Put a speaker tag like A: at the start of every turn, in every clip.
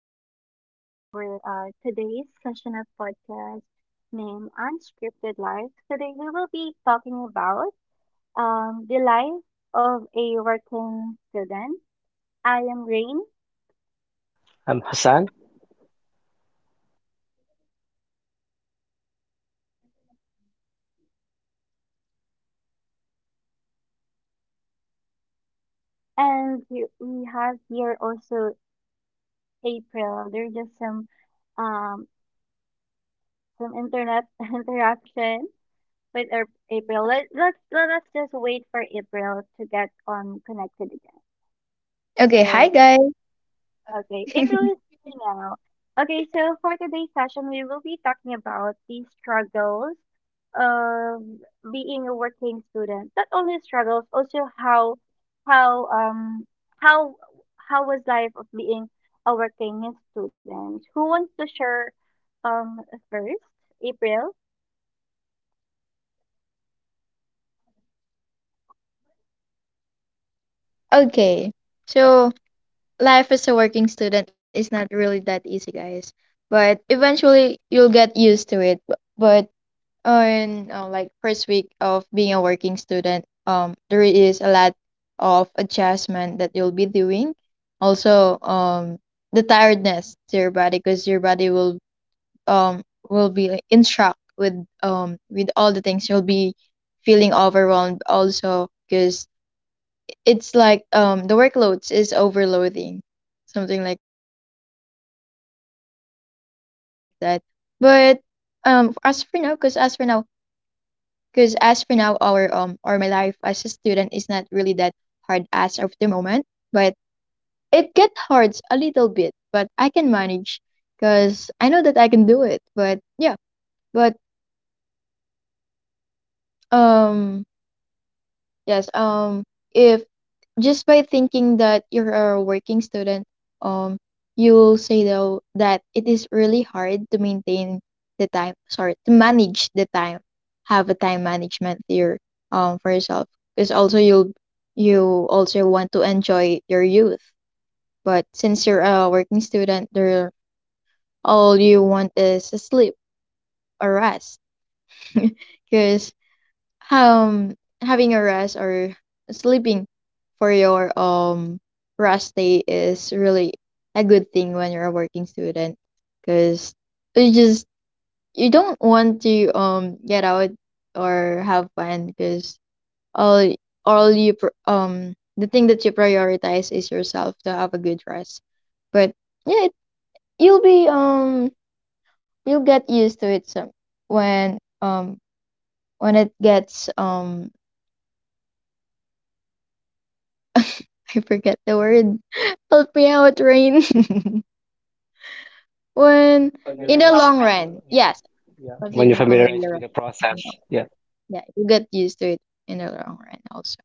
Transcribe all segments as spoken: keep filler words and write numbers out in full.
A: Welcome to our uh, today's session of podcast named Unscripted Life. Today, we will be talking about um, the life of a working student. I am Rain,
B: Um, Hassan,
A: and we we have here also April. There's just some um, some internet interaction with Ap- April. Let, let's let us just wait for April to get um connected again.
C: Okay,
A: So
C: hi guys.
A: Okay, April, really is me now. Okay, so for today's session, we will be talking about the struggles of being a working student. Not only struggles, also how how um how how was life of being a working student. Who wants to share um first? April?
C: Okay, so life as a working student is not really that easy, guys. But eventually you'll get used to it. But, but on uh, like first week of being a working student, um, there is a lot of adjustment that you'll be doing. Also, um, the tiredness to your body because your body will um will be in shock with um with all the things you'll be feeling overwhelmed also because it's like um the workloads is overloading something like that but um as for now because as for now because as for now our um or my life as a student is not really that hard as of the moment but it get hard a little bit but I can manage because I know that I can do it but yeah but um Yes, um, if just by thinking that you're a working student, um, you'll say though that it is really hard to maintain the time, sorry, to manage the time, have a time management theory, um, for yourself, because also you'll you also want to enjoy your youth, but since you're a working student, there all you want is a sleep or rest, because um having a rest or sleeping for your um rest day is really a good thing when you're a working student because you just you don't want to um get out or have fun because all y- all you pr- um the thing that you prioritize is yourself to have a good rest but yeah it, you'll be um you'll get used to it some when um when it gets um I forget the word. Help me out, Rain. When in the long
B: familiarized?
C: run,
B: w-
C: yes,
B: Yeah,
C: something
B: when you're
C: familiar.
B: familiarized with the
C: You know,
B: process. Yeah.
C: yeah, you get used to it in the long run also.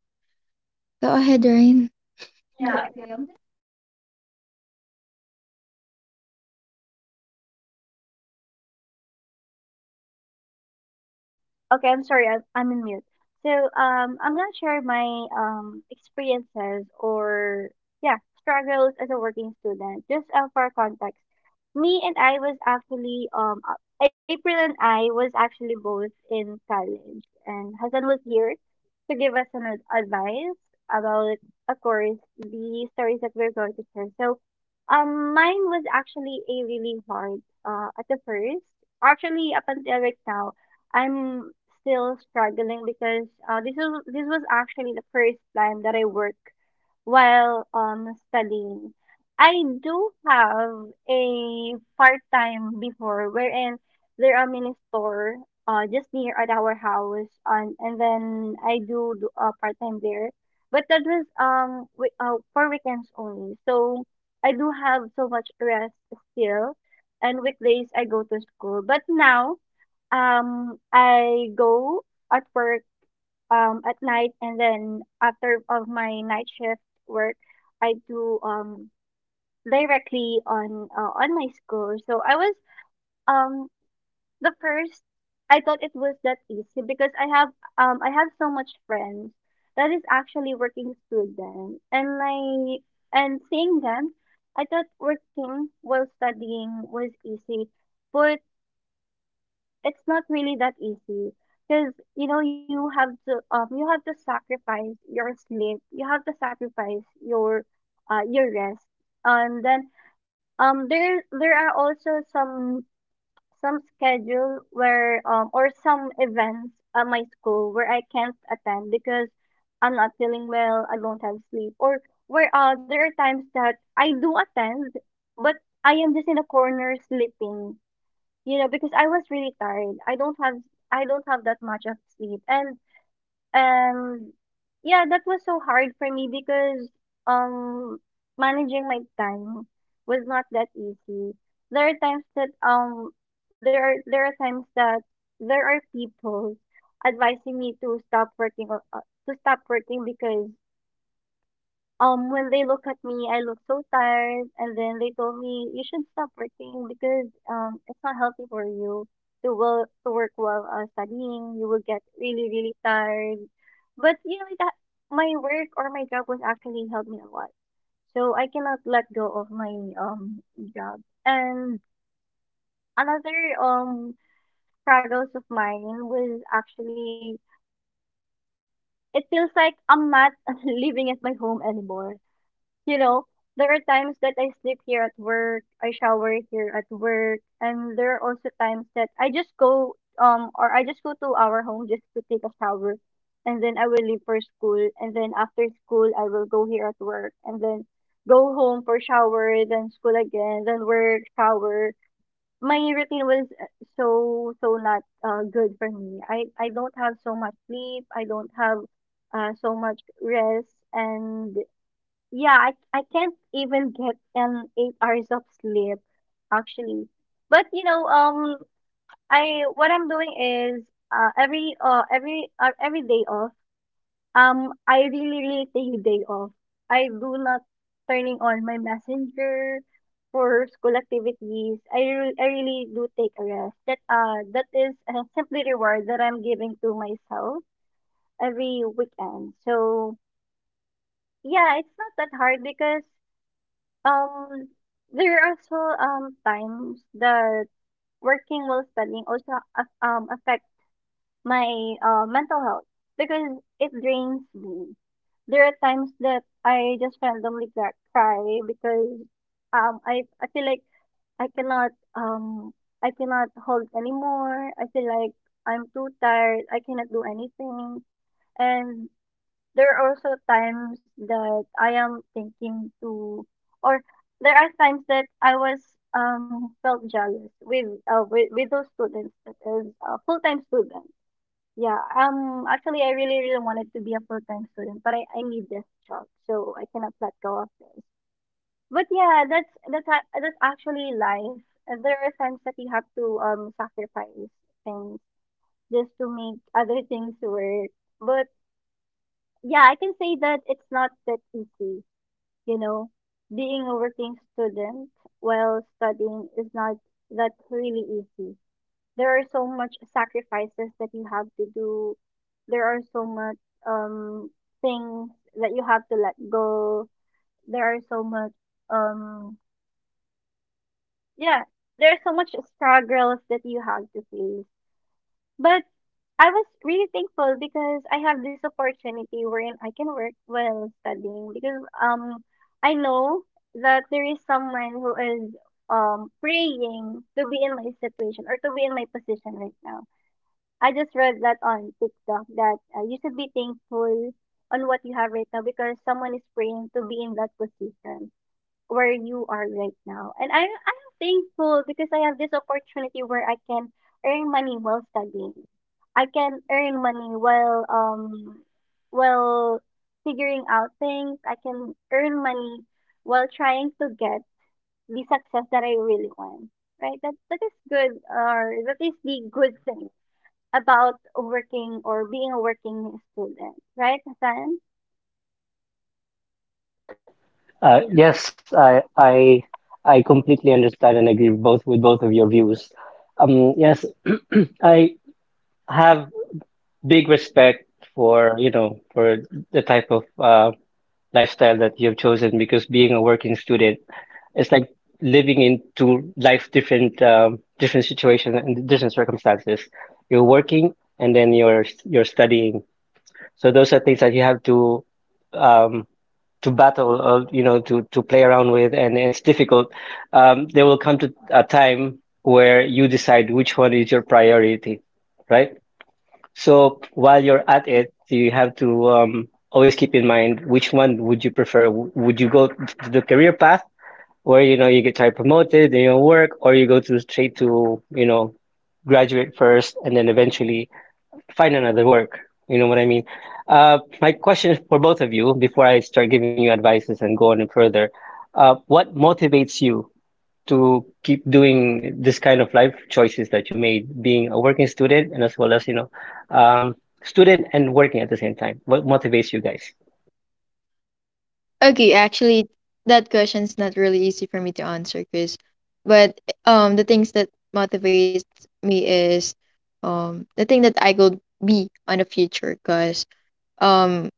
C: Go ahead, Rain.
A: Okay, I'm sorry, I'm, I'm in mute. So um, I'm gonna share my um, experiences or yeah struggles as a working student. Just uh, for context, me and I was actually um uh, April and I was actually both in college, and Hassan was here to give us an ad- advice about, of course, the stories that we're going to share. So um, mine was actually a really hard uh, at the first. Actually, up until right now. I'm still struggling because uh, this is this was actually the first time that I work while um studying. I do have a part time before wherein there are mini store uh just near at our house, and and then I do, do uh, part time there. But that was um wi- uh, for weekends only. So I do have so much rest still, and weekdays I go to school. But now um, I go at work um at night, and then after of my night shift work, I do um directly on uh, on my school. So I was um the first. I thought it was that easy because I have um I have so much friends that is actually working student, and I and seeing them, I thought working while studying was easy, but it's not really that easy, because you know you have to um you have to sacrifice your sleep, you have to sacrifice your uh your rest. And then um there there are also some some schedule where um or some events at my school where I can't attend because I'm not feeling well, I don't have sleep, or where uh there are times that I do attend, but I am just in a corner sleeping, you know, because I was really tired. I don't have I don't have that much of sleep. And um yeah, that was so hard for me, because um managing my time was not that easy. There are times that um there are there are times that there are people advising me to stop working, or uh, to stop working because um, when they look at me, I look so tired, and then they told me you should stop working because um it's not healthy for you to work to work while uh, studying. You will get really really tired. But you know that my work or my job was actually helped me a lot, so I cannot let go of my um job. And another um struggles of mine was actually it feels like I'm not living at my home anymore. You know, there are times that I sleep here at work, I shower here at work, and there are also times that I just go um or I just go to our home just to take a shower and then I will leave for school, and then after school I will go here at work, and then go home for shower, then school again, then work, shower. My routine was uh, so so not uh, good for me. I I don't have so much sleep. I don't have uh, so much rest. And yeah, I I can't even get an eight hours of sleep actually. But you know, um, I what I'm doing is uh every uh every uh, every day off. Um, I really really take a day off. I do not turning on my messenger for school activities. I re I really do take a rest. That uh that is uh, simply reward that I'm giving to myself every weekend. So yeah, it's not that hard because Um, there are also um times that working while studying also af- um affect my uh, mental health because it drains me. There are times that I just randomly gra- cry because um I I feel like I cannot um I cannot hold anymore. I feel like I'm too tired. I cannot do anything. And there are also times that I am thinking to, or there are times that I was um felt jealous with uh, with, with those students that is a full time student. Yeah, um, actually, I really really wanted to be a full time student, but I, I need this job, so I cannot let go of this. But yeah, that's that's a- that's actually life. Uh, There are times that you have to um sacrifice things just to make other things work. But yeah, I can say that it's not that easy, you know. Being a working student while studying is not that really easy. There are so much sacrifices that you have to do. There are so much um things that you have to let go. There are so much um yeah, there are so much struggles that you have to face. But I was really thankful because I have this opportunity wherein I can work while studying, because um I know that there is someone who is um praying to be in my situation or to be in my position right now. I just read that on TikTok that uh, you should be thankful on what you have right now, because someone is praying to be in that position where you are right now. And I, I'm thankful because I have this opportunity where I can earn money while studying. I can earn money while um while figuring out things. I can earn money while trying to get the success that I really want. Right? That that is good, or that is the good thing about working or being a working student, right, Hassan?
B: Uh, yes, I, I, I completely understand and agree both with both of your views. Um, yes, I have big respect for, you know, for the type of uh, lifestyle that you have chosen, because being a working student, it's like living in two life different um, different situations and different circumstances. You're working, and then you're you're studying. So those are things that you have to um, to battle, or, you know, to to play around with, and, and it's difficult. Um, there will come to a time where you decide which one is your priority, right? So while you're at it, you have to um, always keep in mind, which one would you prefer? W- Would you go to the career path where you know you get try promoted, then you work, or you go to straight to you know graduate first and then eventually find another work? You know what I mean? Uh, my question is for both of you before I start giving you advices and go on further. Uh, what motivates you to keep doing this kind of life choices that you made, being a working student, and as well as, you know, um, student and working at the same time? What motivates you guys?
C: Okay, actually, that question's not really easy for me to answer, cause, but um, the things that motivates me is um the thing that I could be on the future, cause um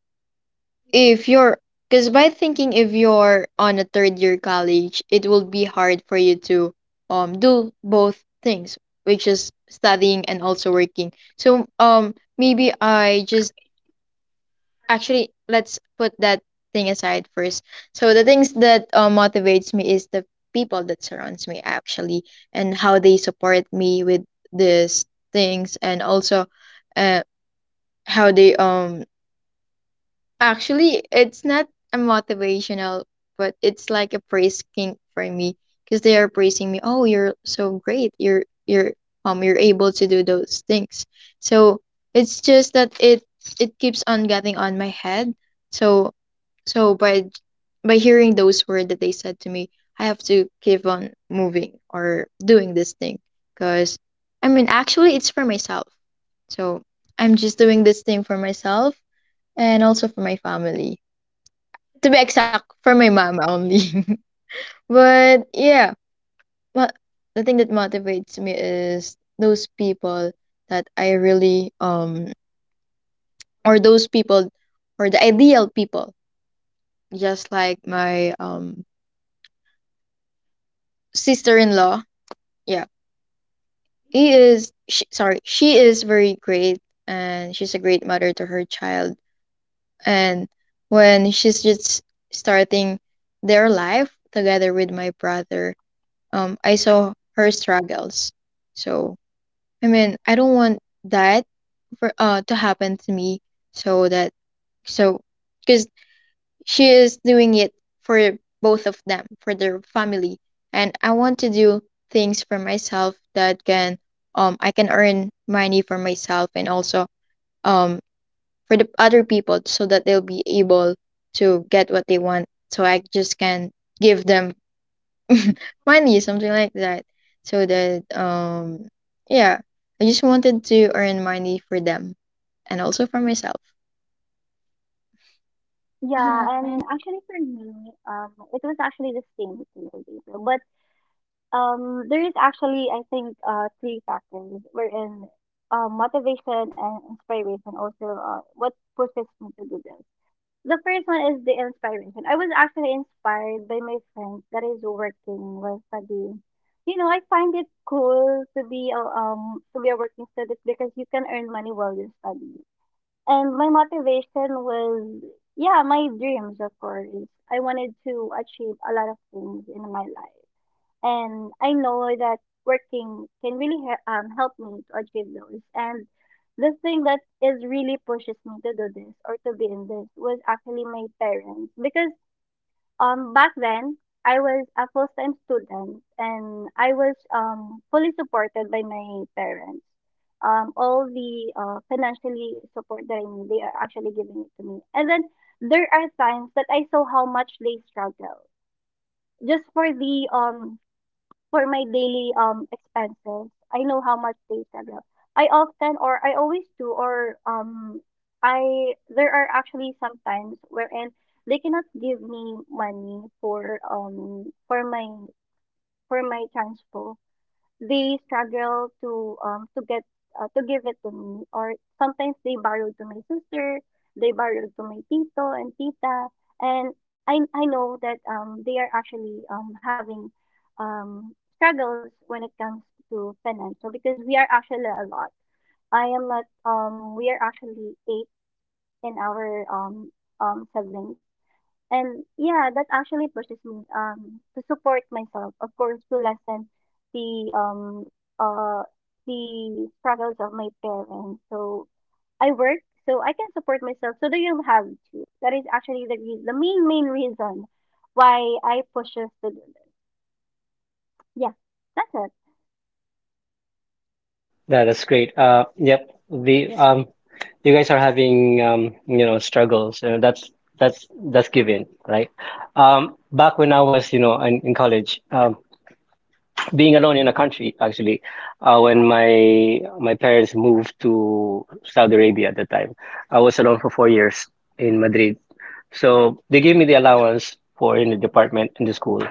C: if you're because by thinking if you're on a third year college it will be hard for you to um do both things which is studying and also working so um maybe I just actually let's put that thing aside first. So the things that uh, motivates me is the people that surrounds me actually and how they support me with these things and also, uh, how they um actually, it's not a motivational, but it's like a praise king for me because they are praising me. Oh, you're so great. You're you're um you're able to do those things. So it's just that it it keeps on getting on my head. So so by by hearing those words that they said to me, I have to keep on moving or doing this thing because I mean actually it's for myself. So I'm just doing this thing for myself and also for my family. To be exact, for my mom only. but yeah, but the thing that motivates me is those people that I really um or those people or the ideal people, just like my um sister-in-law. Yeah, he is. She, sorry, she is very great, and she's a great mother to her child. And when she's just starting their life together with my brother, um, I saw her struggles. So I mean, I don't want that for uh to happen to me. So that so because she is doing it for both of them, for their family, and I want to do things for myself that can um I can earn money for myself and also um for the other people so that they'll be able to get what they want. So I just can give them. Mine is something like that. So that um yeah, I just wanted to earn money for them and also for myself.
A: Yeah, and actually for me, um, it was actually the same with Little Gabriel. But um, there is actually, I think, uh, three factors wherein uh, motivation and inspiration also uh, what pushes me to do this. The first one is the inspiration. I was actually inspired by my friends that is working while studying. You know, I find it cool to be a um to be a working student because you can earn money while you study. And my motivation was, yeah, my dreams, of course. I wanted to achieve a lot of things in my life. And I know that working can really he- um, help me to achieve those. And the thing that is really pushes me to do this or to be in this was actually my parents, because um, back then, I was a full-time student, and I was um, fully supported by my parents. Um, all the uh, financially support that I need, they are actually giving it to me. And then there are times that I saw how much they struggle just for the um for my daily um expenses. I know how much they tag up. I often or I always do or um I there are actually sometimes wherein they cannot give me money for um for my for my transpo. They struggle to um to get uh, to give it to me, or sometimes they borrow to my sister, they borrow to my tito and tita. And i i know that um they are actually um having um struggles when it comes to financial, because we are actually a lot. I am not um we are actually eight in our um um siblings. And yeah, that actually pushes me um to support myself, of course, to lessen the um uh the struggles of my parents. So I work so I can support myself. So they don't have to. That is actually the re- the main main reason why I push us to do that. Yeah, that's it.
B: That, that's great. Uh, yep. The, um, you guys are having, um, you know, struggles, and that's, that's, that's given, right? Um, back when I was, you know, in, in college, um, being alone in a country, actually, uh, when my my parents moved to Saudi Arabia at the time, I was alone for four years in Madrid. So they gave me the allowance for in the department in the school,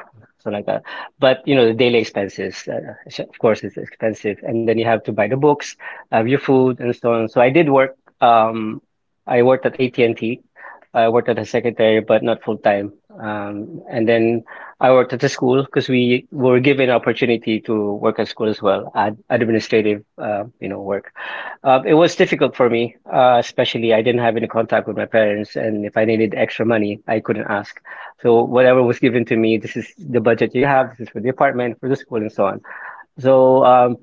B: something like that. But you know the daily expenses, uh, of course, it's expensive, and then you have to buy the books, have your food, and so on. So I did work. um, I worked at A T and T. I worked as a secretary, but not full time. Um, and then I worked at the school, because we were given opportunity to work at school as well, ad administrative, uh, you know, work. Uh, it was difficult for me, uh, especially I didn't have any contact with my parents, and if I needed extra money, I couldn't ask. So whatever was given to me, this is the budget you have, this is for the apartment, for the school, and so on. So um,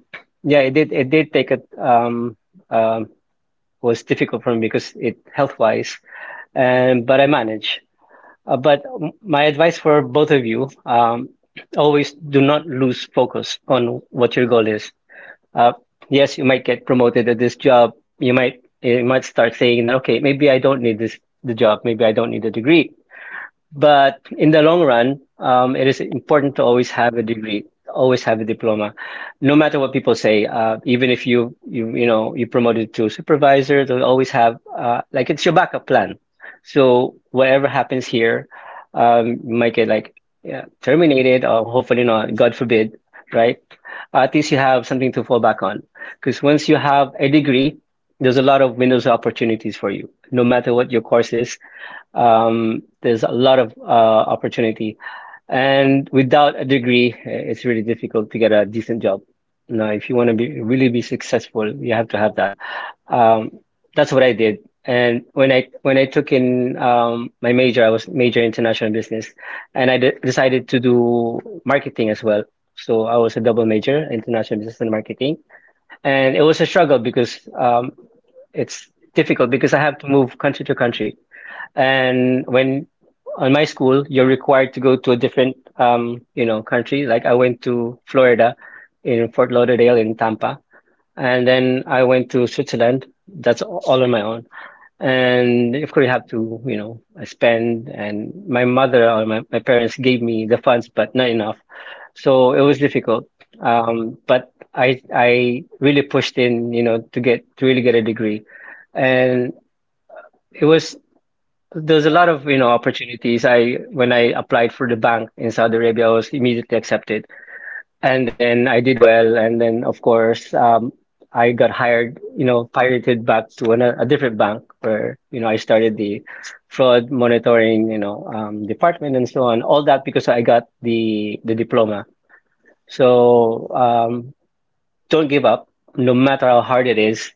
B: yeah, it did it did take a um, um, was difficult for me, because it health wise, and but I managed. Uh, but my advice for both of you, um, always do not lose focus on what your goal is. Uh, yes, you might get promoted at this job. You might you might start saying that, okay, maybe I don't need this the job. Maybe I don't need a degree. But in the long run, um, it is important to always have a degree, always have a diploma, no matter what people say. Uh, even if you you you know you promoted to supervisor, they'll always have, uh, like, it's your backup plan. So whatever happens here, um, you might get, like, yeah, terminated, or hopefully not, God forbid, right? At least you have something to fall back on. Because once you have a degree, there's a lot of windows of opportunities for you, no matter what your course is. Um, there's a lot of uh, opportunity, and without a degree, eh, it's really difficult to get a decent job. Now, if you want to be really be successful, you have to have that. Um, that's what I did. And when I when I took in um, my major, I was major international business, and I de- decided to do marketing as well. So I was a double major, international business and marketing, and it was a struggle because um, it's difficult because I have to move country to country. And when on my school, you're required to go to a different, um, you know, country. Like, I went to Florida, in Fort Lauderdale, in Tampa, and then I went to Switzerland. That's all on my own. And of course, you have to, you know, spend. And my mother, or my, my parents, gave me the funds, but not enough. So it was difficult. Um, but I I really pushed in, you know, to get to really get a degree, and it was there's a lot of, you know, opportunities. I When I applied for the bank in Saudi Arabia, I was immediately accepted. And then I did well. And then of course, um, I got hired, you know, pirated back to an, a different bank where, you know, I started the fraud monitoring, you know, um, department, and so on. All that because I got the the diploma. So, um, don't give up, no matter how hard it is,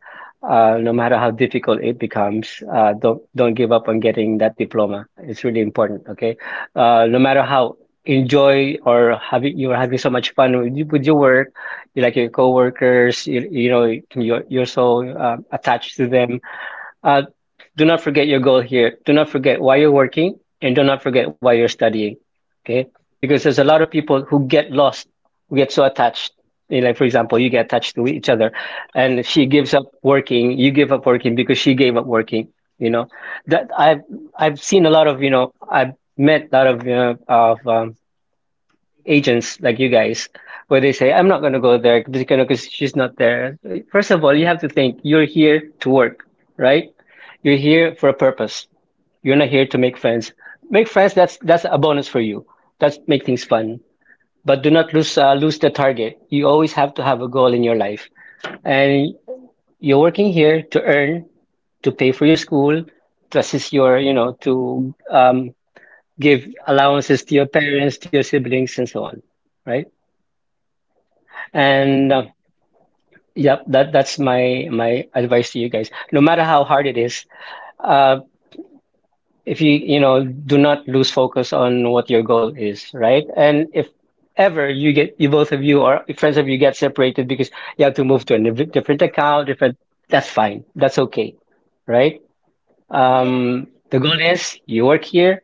B: uh, no matter how difficult it becomes. Uh, don't don't give up on getting that diploma. It's really important. Okay, uh, no matter how enjoy or having you're having so much fun with, you- with your work, you like your coworkers. You, you know, you're you're so uh, attached to them, uh, do not forget your goal here. Do not forget why you're working, and do not forget why you're studying. Okay. Because there's a lot of people who get lost, who get so attached. You know, like, for example, you get attached to each other, and she gives up working, you give up working, because she gave up working. You know, that I've, I've seen a lot of, you know, I've met a lot of, you know, of, um, agents like you guys where they say, "I'm not going to go there because she's not there." First of all, you have to think, you're here to work, right? You're here for a purpose. You're not here to make friends. Make friends, that's that's a bonus for you. That's make things fun. But do not lose uh, lose the target. You always have to have a goal in your life. And you're working here to earn, to pay for your school, to assist your, you know, to um, give allowances to your parents, to your siblings, and so on, right? and uh, Yep, that that's my my advice to you guys. No matter how hard it is, uh, if you, you know, do not lose focus on what your goal is, right? And if ever you get you both of you or friends of you get separated because you have to move to a diff- different account, different, that's fine. That's okay, right?
A: Yeah,
B: Um, the goal is, you work here,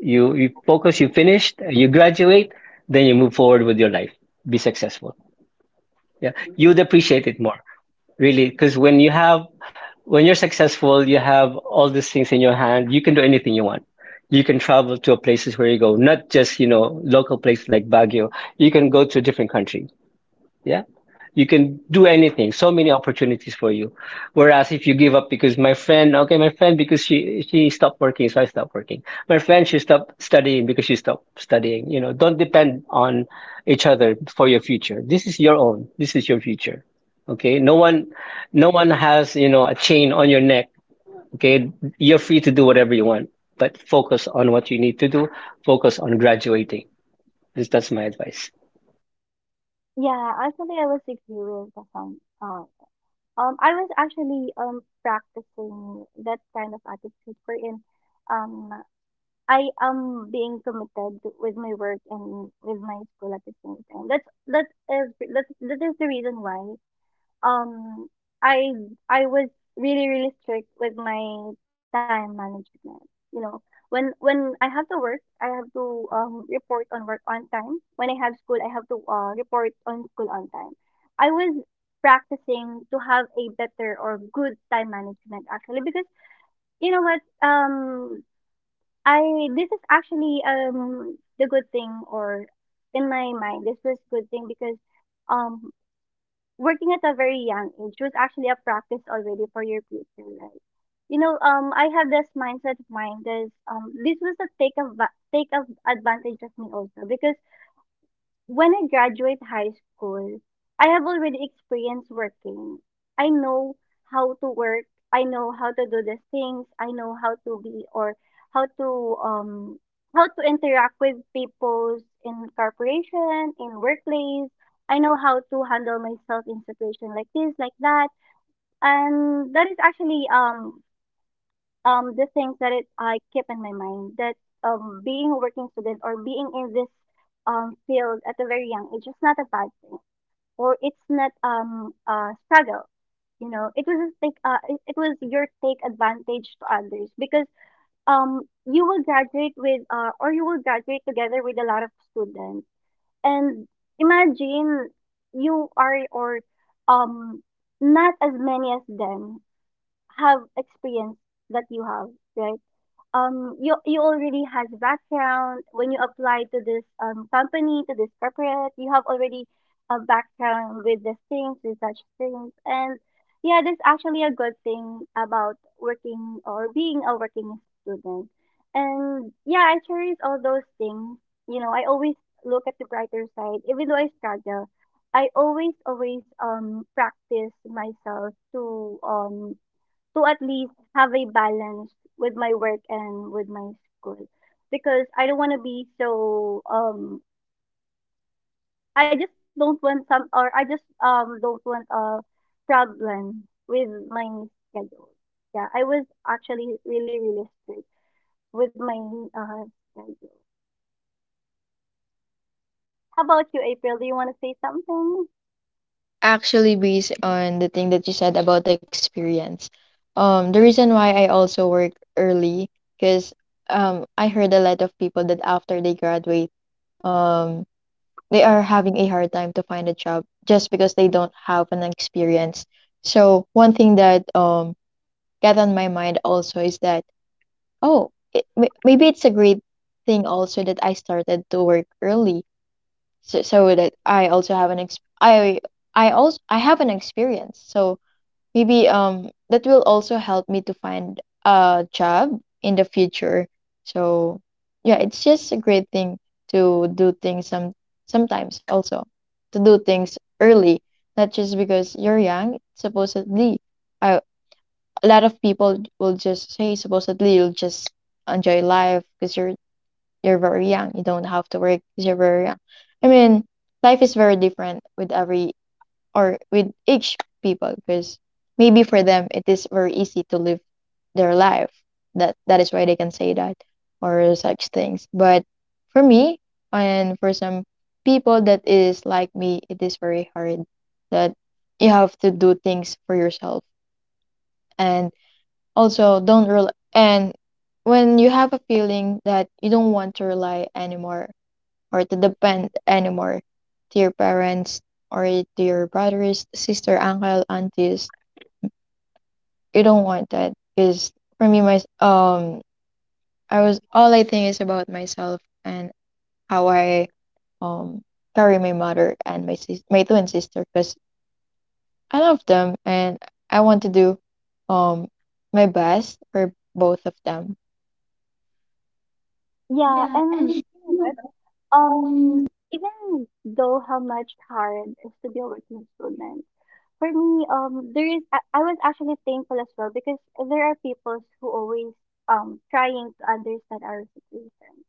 B: you you focus, you finished, you graduate, then you move forward with your life. Be successful. Yeah, you'd appreciate it more, really, because when you have when you're successful, you have all these things in your hand. You can do anything you want. You can travel to places where you go, not just, you know, local places like Baguio. You can go to a different country. Yeah. You can do anything. So many opportunities for you. Whereas if you give up because my friend, okay, my friend because she she stopped working, so I stopped working. My friend, she stopped studying because she stopped studying. You know, don't depend on each other for your future. This is your own. This is your future. Okay. No one no one has, you know, a chain on your neck. Okay. You're free to do whatever you want, but focus on what you need to do. Focus on graduating. This That's my advice.
A: yeah, actually, I was agree with the song. Uh, um, I was actually um practicing that kind of attitude for in um I am being committed with my work and with my school at the same time. That's that is that that is the reason why um I I was really really strict with my time management. You know, when when I have to work, I have to um report on work on time. When I have school, I have to uh report on school on time. I was practicing to have a better or good time management actually because you know what um I this is actually um the good thing or in my mind this was good thing because um working at a very young age was actually a practice already for your future, right? You know um I have this mindset of mine. This um this was a take of take of advantage of me also because when I graduate high school, I have already experienced working. I know how to work. I know how to do the things. I know how to be or how to um how to interact with people in corporation, in workplace. I know how to handle myself in situation like this, like that. And that is actually um um the things that it I keep in my mind that um being a working student or being in this um field at a very young age is not a bad thing or it's not um a struggle. You know, it was a take uh, it, it was your take advantage to others because um you will graduate with uh, or you will graduate together with a lot of students, and imagine you are or um not as many as them have experience that you have, right? um you you already has background. When you apply to this um company, to this corporate, you have already a background with these things, with such things. And yeah, that's actually a good thing about working or being a working student. And yeah, I cherish all those things. You know, I always look at the brighter side even though I struggle. I always always um practice myself to um to at least have a balance with my work and with my school, because I don't want to be so um I just don't want some, or I just um don't want a problem with my schedule. Yeah, I was actually really really strict with my uh schedule. How about you, April? Do you want to say something?
C: Actually based on the thing that you said about the experience. Um, the reason why I also work early because um I heard a lot of people that after they graduate, um they are having a hard time to find a job just because they don't have an experience. So one thing that um got on my mind also is that oh it, may- maybe it's a great thing also that I started to work early so, so that I also have an ex- I I also I have an experience. So maybe um that will also help me to find a job in the future. So yeah, it's just a great thing to do things some sometimes also to do things early, not just because you're young. Supposedly, I, a lot of people will just say supposedly you'll just enjoy life because you're you're very young. You don't have to work because you're very young. I mean, life is very different with every or with each people because maybe for them it is very easy to live their life. That that is why they can say that or such things. But for me and for some people that is like me, it is very hard that you have to do things for yourself and also don't rely and when you have a feeling that you don't want to rely anymore or to depend anymore to your parents or to your brothers, sister, uncle, aunties. You don't want that because for me, my um, I was all I think is about myself and how I um carry my mother and my sis- my twin sister because I love them and I want to do um my best for both of them.
A: Yeah, and you know what? Um, even though how much hard is to be a working student, for me, um, there is I, I was actually thankful as well, because there are people who always um trying to understand our situation.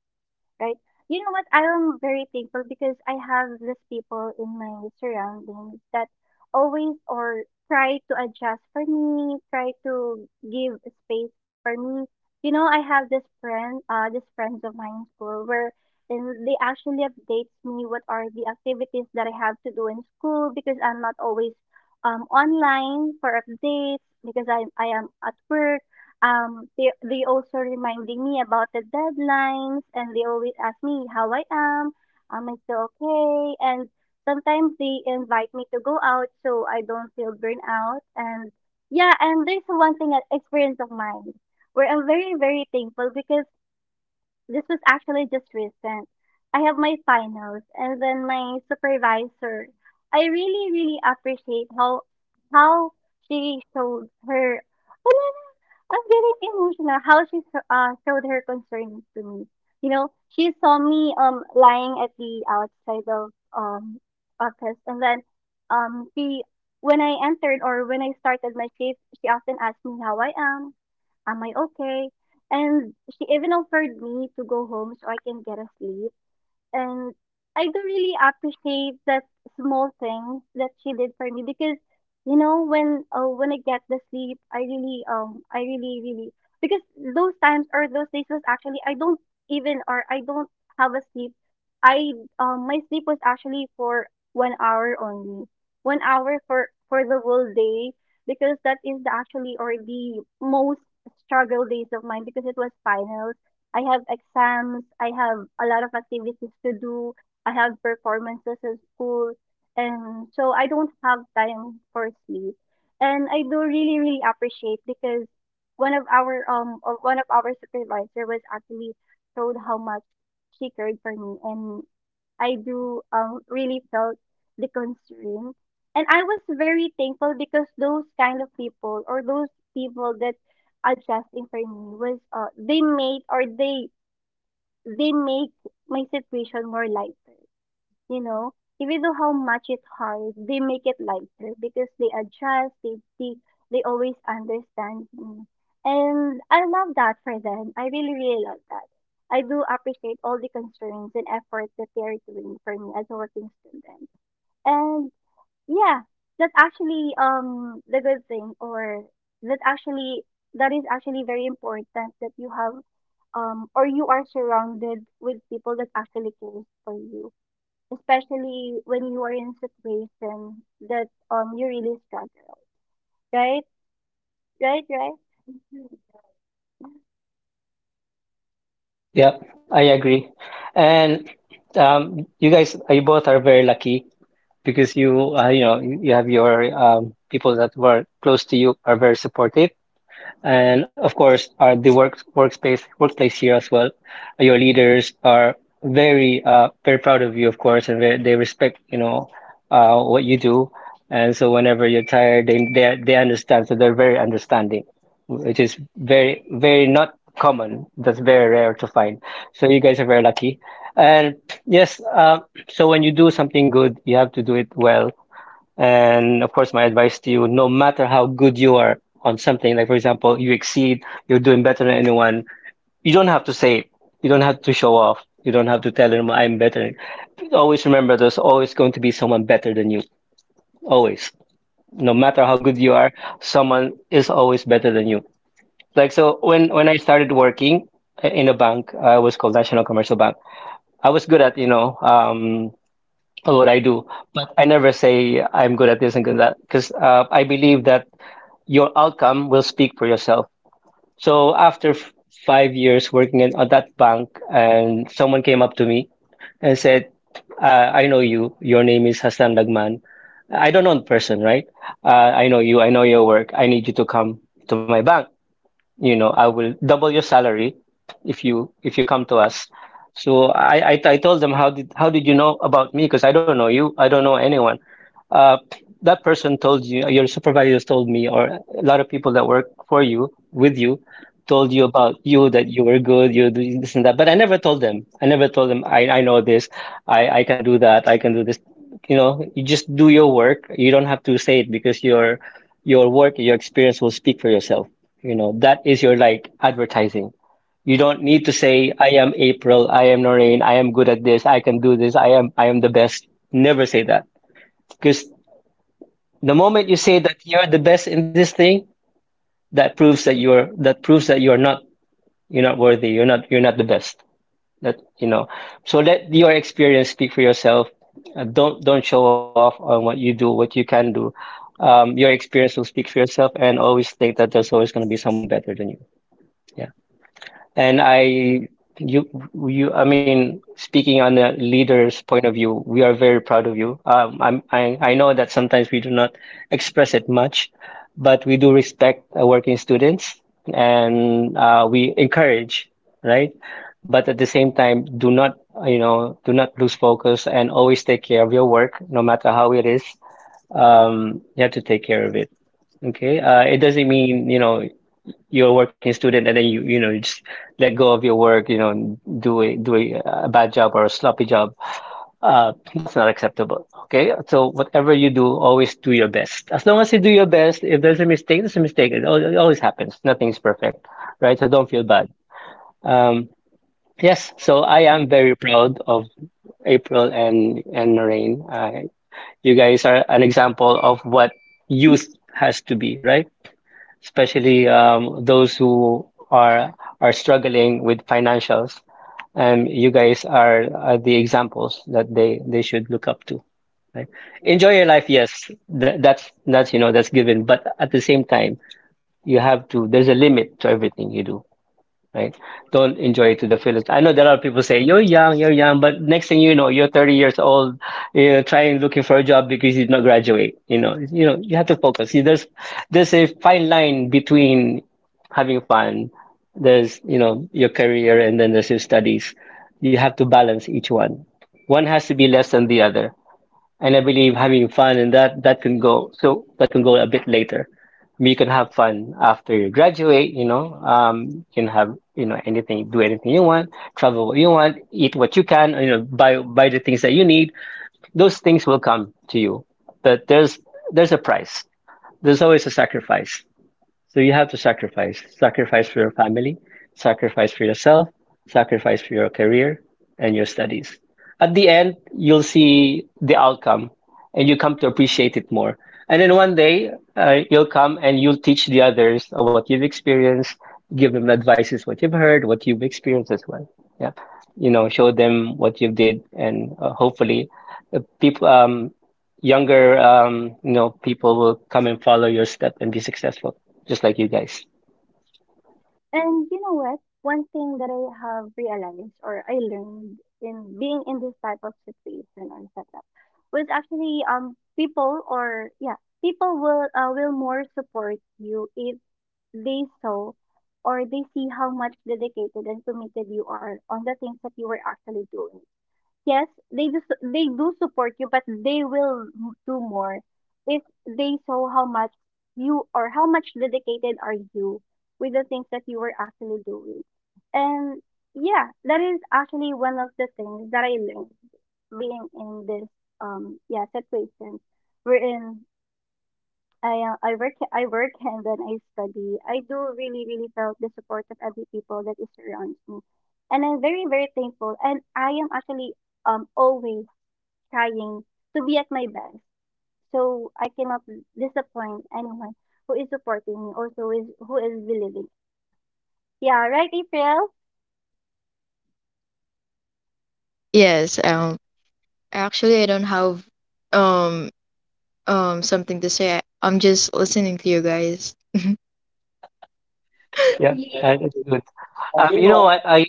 A: Right? You know what? I am very thankful because I have these people in my surroundings that always or try to adjust for me, try to give space for me. You know, I have this friend, uh, this friends of mine in school where and they actually updates me what are the activities that I have to do in school, because I'm not always um online for updates because I I am at work. um, they they also reminding me about the deadlines, and they always ask me how I am, am I still okay? And sometimes they invite me to go out so I don't feel burnout. And yeah, and there's one thing uh, experience of mine where I'm very very thankful because this was actually just recent. I have my finals, and then my supervisor. I really really appreciate how how she showed her I'm getting emotional how she s- uh, showed her concern to me. You know, she saw me um lying at the outside of um office, and then um she when I entered or when I started my shift, she often asked me how I am, am I okay, and she even offered me to go home so I can get a sleep. And I do really appreciate that small thing that she did for me, because you know when uh, when I get the sleep, I really um I really really because those times or those days was actually I don't even or I don't have a sleep. I um my sleep was actually for one hour only, one hour for for the whole day, because that is the actually or the most struggle days of mine because it was finals. I have exams, I have a lot of activities to do, I have performances in school, and so I don't have time for sleep. And I do really, really appreciate because one of our um or one of our supervisor was actually showed how much she cared for me, and I do um really felt the concern. And I was very thankful because those kind of people or those people that adjusting for me was uh, they made or they they make my situation more lighter. You know, even though how much it's hard, they make it lighter because they adjust. They they they always understand me, and I love that for them. I really really love that. I do appreciate all the concerns and effort that they are doing for me as a working student, and yeah, that's actually um the good thing or that actually that is actually very important that you have um or you are surrounded with people that actually cares for you, especially when you are in situation that um you really struggle, right? Right, right?
B: Yep, I agree. And um, you guys, you both are very lucky because you, uh, you know, you you have your, um, people that were close to you are very supportive, and of course, uh, the work workspace workplace here as well, your leaders are very uh, very proud of you, of course, and they, they respect, you know, uh, what you do. And so whenever you're tired, they, they they understand, so they're very understanding, which is very, very not common. That's very rare to find. So you guys are very lucky. And yes, uh, so when you do something good, you have to do it well. And of course, my advice to you: no matter how good you are on something, like, for example, you exceed, you're doing better than anyone, you don't have to say it. You don't have to show off. You don't have to tell them I'm better. Always remember, there's always going to be someone better than you. Always. No matter how good you are, someone is always better than you. Like, so when when I started working in a bank, I was called National Commercial Bank. I was good at, you know, um what I do, but I never say I'm good at this and good at that because uh, I believe that your outcome will speak for yourself. So after f- five years working in at that bank, and someone came up to me and said, uh, "I know you. Your name is Hassan Lagman. I don't know the person, right? Uh, I know you. I know your work. I need you to come to my bank. You know, I will double your salary if you if you come to us." So i i, I told them, how did how did you know about me, because I don't know you, I don't know anyone. uh that person told, you "your supervisors told me, or a lot of people that work for you, with you, told you about you, that you were good, you do this and that." But I never told them, i never told them I I know this, i i can do that, I can do this. You know, you just do your work, you don't have to say it, because your your work your experience will speak for yourself. You know, that is your like advertising. You don't need to say, "I am April, I am Noreen, I am good at this, I can do this, I am I am the best." Never say that. Because the moment you say that you're the best in this thing, that proves that you're that proves that you are not, you're not worthy, you're not you're not the best. That you know. So let your experience speak for yourself. Uh, don't don't show off on what you do, what you can do. Um, your experience will speak for yourself, and always think that there's always going to be someone better than you. Yeah. And I, you, you, I mean, speaking on the leader's point of view, we are very proud of you. Um, I'm, I, I know that sometimes we do not express it much, but we do respect uh, working students, and uh, we encourage, right? But at the same time, do not, uh, you know, do not lose focus, and always take care of your work, no matter how it is. Um, you have to take care of it. Okay. Uh, it doesn't mean, you know, you're a working student and then you you know, you just let go of your work, you know, and do a do a, a bad job or a sloppy job. Uh, that's not acceptable. Okay, so whatever you do, always do your best. As long as you do your best, if there's a mistake, there's a mistake. It, al- it always happens. Nothing's perfect, right? So don't feel bad. um, yes, so I am very proud of April and and Noreen. Uh, you guys are an example of what youth has to be, right? Especially um, those who are are struggling with financials. And you guys are, are the examples that they, they should look up to, right? Enjoy your life, yes, that, that's that's you know that's given, but at the same time, you have to. There's a limit to everything you do, right? Don't enjoy it to the fullest. I know there are people say you're young, you're young, but next thing you know, you're thirty years old, you know, trying looking for a job because you did not graduate. You know, you know, you have to focus. See, there's there's a fine line between having fun, there's you know your career, and then there's your studies. You have to balance each one. One has to be less than the other. And I believe having fun and that that can go so that can go a bit later. You can have fun after you graduate, you know. Um, you can have, you know, anything, do anything you want, travel what you want, eat what you can, you know, buy buy the things that you need. Those things will come to you. But there's there's a price. There's always a sacrifice. So you have to sacrifice. Sacrifice for your family, sacrifice for yourself, sacrifice for your career and your studies. At the end, you'll see the outcome and you come to appreciate it more. And then one day, uh, you'll come and you'll teach the others of what you've experienced, give them advices, what you've heard, what you've experienced as well. Yeah. You know, show them what you did, and uh, hopefully uh, people, um, younger, um, you know, people will come and follow your step and be successful just like you guys.
A: And you know what? One thing that I have realized or I learned in being in this type of situation or setup was actually um people or yeah people will uh, will more support you if they saw or they see how much dedicated and committed you are on the things that you were actually doing. Yes, they do, su- they do support you, but they will m- do more if they saw how much you or how much dedicated are you with the things that you were actually doing. And yeah, that is actually one of the things that I learned being in this um yeah situation wherein I uh, I work I work and then I study. I do really really felt the support of every people that is surrounds me, and I'm very very thankful. And I am actually um always trying to be at my best. So I cannot disappoint anyone who is supporting me. Also, who is who is believing. Yeah, right, April?
C: Yes, um actually I don't have um um something to say. I, I'm just listening to you guys.
B: Yeah, and it's good. Um, you know what? I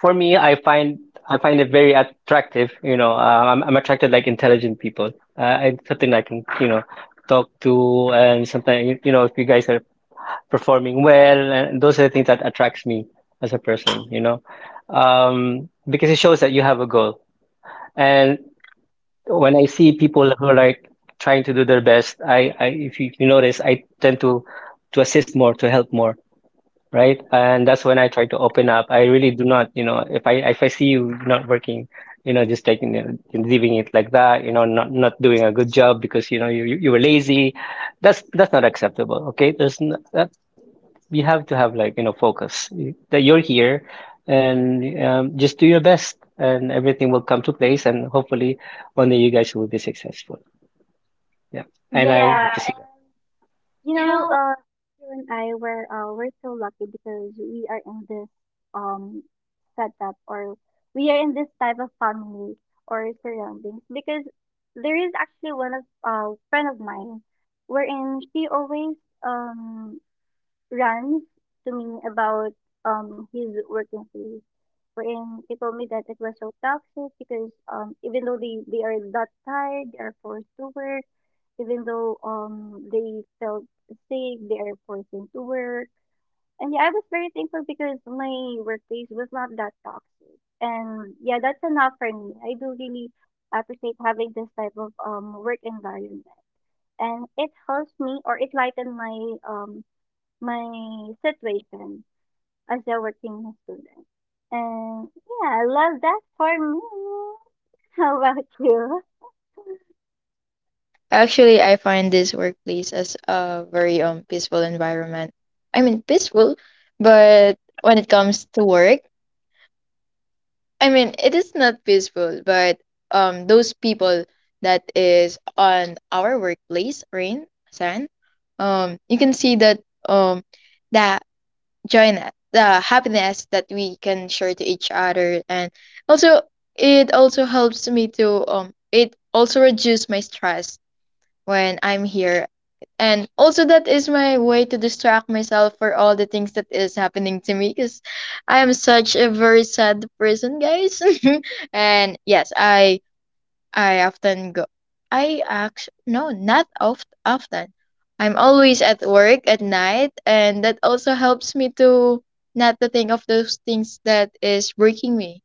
B: for me, I find I find it very attractive. You know, uh, I'm I'm attracted like intelligent people. Uh, it's something I can you know talk to, and sometimes you, you know, if you guys are performing well, and those are the things that attracts me as a person. You know, um, because it shows that you have a goal. And when I see people who are like trying to do their best, I, I if you, you notice, I tend to to assist more, to help more, right? And that's when I try to open up. I really do not, you know, if I if I see you not working, you know, just taking it, leaving it like that, you know, not not doing a good job because you know you you you were lazy, that's that's not acceptable. Okay, there's n that you have to have like you know focus. You- that you're here, and um, just do your best, and everything will come to place, and hopefully one day you guys will be successful. Yeah, and Yeah, I
A: Yeah.
B: hope to Yeah, see
A: You know,
B: that.
A: uh you and I were uh we're so lucky because we are in this um setup, or we are in this type of family or surroundings, because there is actually one of uh friend of mine wherein she always um runs to me about um his working place, wherein he told me that it was so toxic because um even though they, they are that tired, they are forced to work, even though um they felt sick, they are forced into work. And yeah, I was very thankful because my workplace was not that toxic. And yeah, that's enough for me. I do really appreciate having this type of um work environment. And it helps me or it lightened my um my situation as a working student. And yeah, I love that for me. How about you?
C: Ac- Actually, I find this workplace as a very um peaceful environment. I mean peaceful, but when it comes to work, I mean it is not peaceful, but um those people that is on our workplace, Rain, San, um you can see that um that join the happiness that we can share to each other and also it also helps me to um it also reduce my stress when I'm here, and also that is my way to distract myself for all the things that is happening to me because I am such a very sad person, guys. And yes, I I often go. I actually, no, not oft often. I'm always at work at night, and that also helps me to not to think of those things that is breaking me.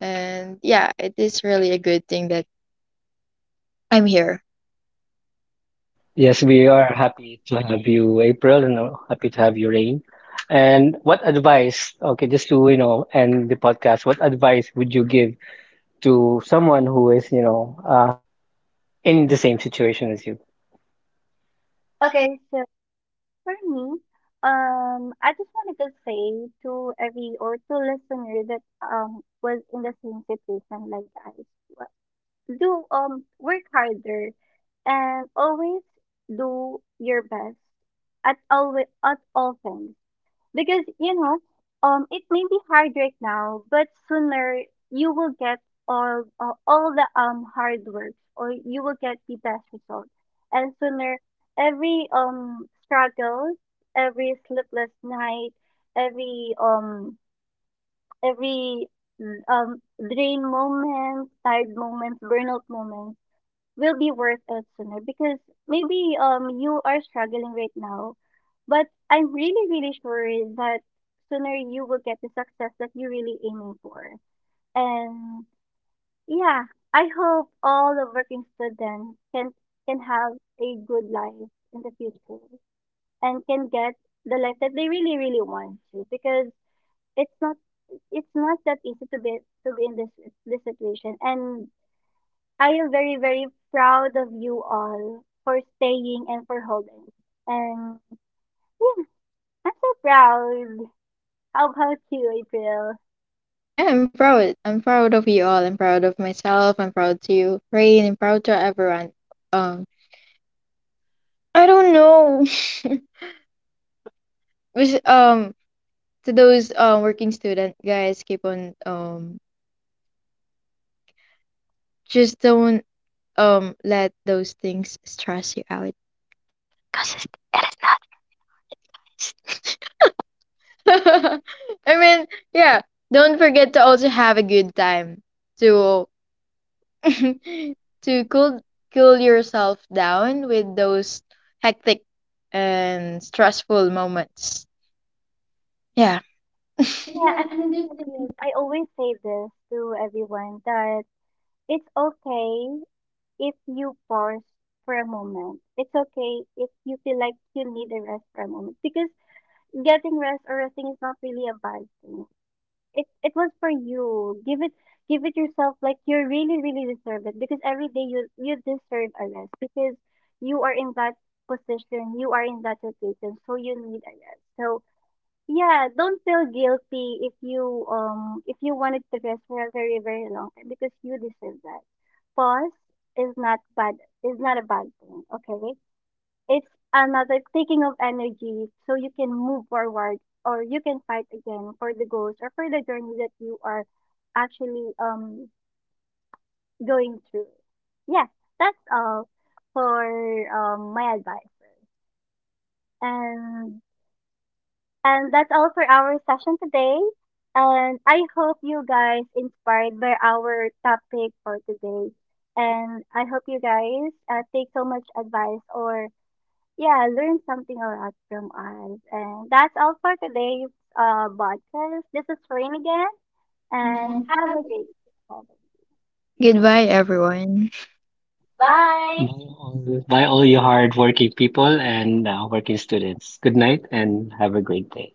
C: And yeah, it is really a good thing that I'm here.
B: Yes, we are happy to have you, April, and uh, happy to have you, Rain. And what advice, okay, just to, you know, end the podcast, what advice would you give to someone who is, you know, uh, in the same situation as you? Okay,
A: Okay, so for me, um, I just wanted to say to every or to listener that um was in the same situation like I was, do um work harder and always do your best at always at all times, because you know um it may be hard right now, but sooner you will get all uh, all the um hard work, or you will get the best result. And sooner every um struggle, every sleepless night, every um every mm, um drain moments, tired moments, burnout moments will be worth it sooner, because maybe um you are struggling right now, but I'm really really sure that sooner you will get the success that you're really aiming for. And yeah, I hope all the working students can can have a good life in the future and can get the life that they really really want to, because it's not it's not that easy to be to be in this this situation. And I am very, very proud of you all for staying and for holding. And yeah, I'm so proud. How about you, April?
C: Yeah, I'm proud. I'm proud of you all. I'm proud of myself. I'm proud to you, Rain. I'm proud to everyone. Um, I don't know. Was um to those um working student guys keep on um just don't, um, let those things stress you out. Cause it it is not. I mean, yeah. Don't forget to also have a good time to to cool cool yourself down with those hectic and stressful moments. Yeah.
A: Yeah, and the thing is, I always say this to everyone that it's okay if you pause for a moment. It's okay if you feel like you need a rest for a moment, because getting rest or resting is not really a bad thing. It it was for you. Give it give it yourself like you really, really deserve it, because every day you you deserve a rest because you are in that position, you are in that situation, so you need a rest. So yeah, don't feel guilty if you um if you wanted to rest for a very, very long time because you deserve that. Pause is not bad is not a bad thing, okay? It's another taking of energy so you can move forward or you can fight again for the goals or for the journey that you are actually um going through. Yeah, that's all for um my advice. And and that's all for our session today. And I hope you guys inspired by our topic for today. And I hope you guys uh, take so much advice or yeah, I learned something a lot from us. And that's all for today's uh, podcast. This is Rain again,
B: and
A: and
B: have
A: have a great day.
C: Goodbye, everyone.
B: bye.
A: Bye.
B: By all, the- by all you hardworking people and uh, working students, good night and have a great day.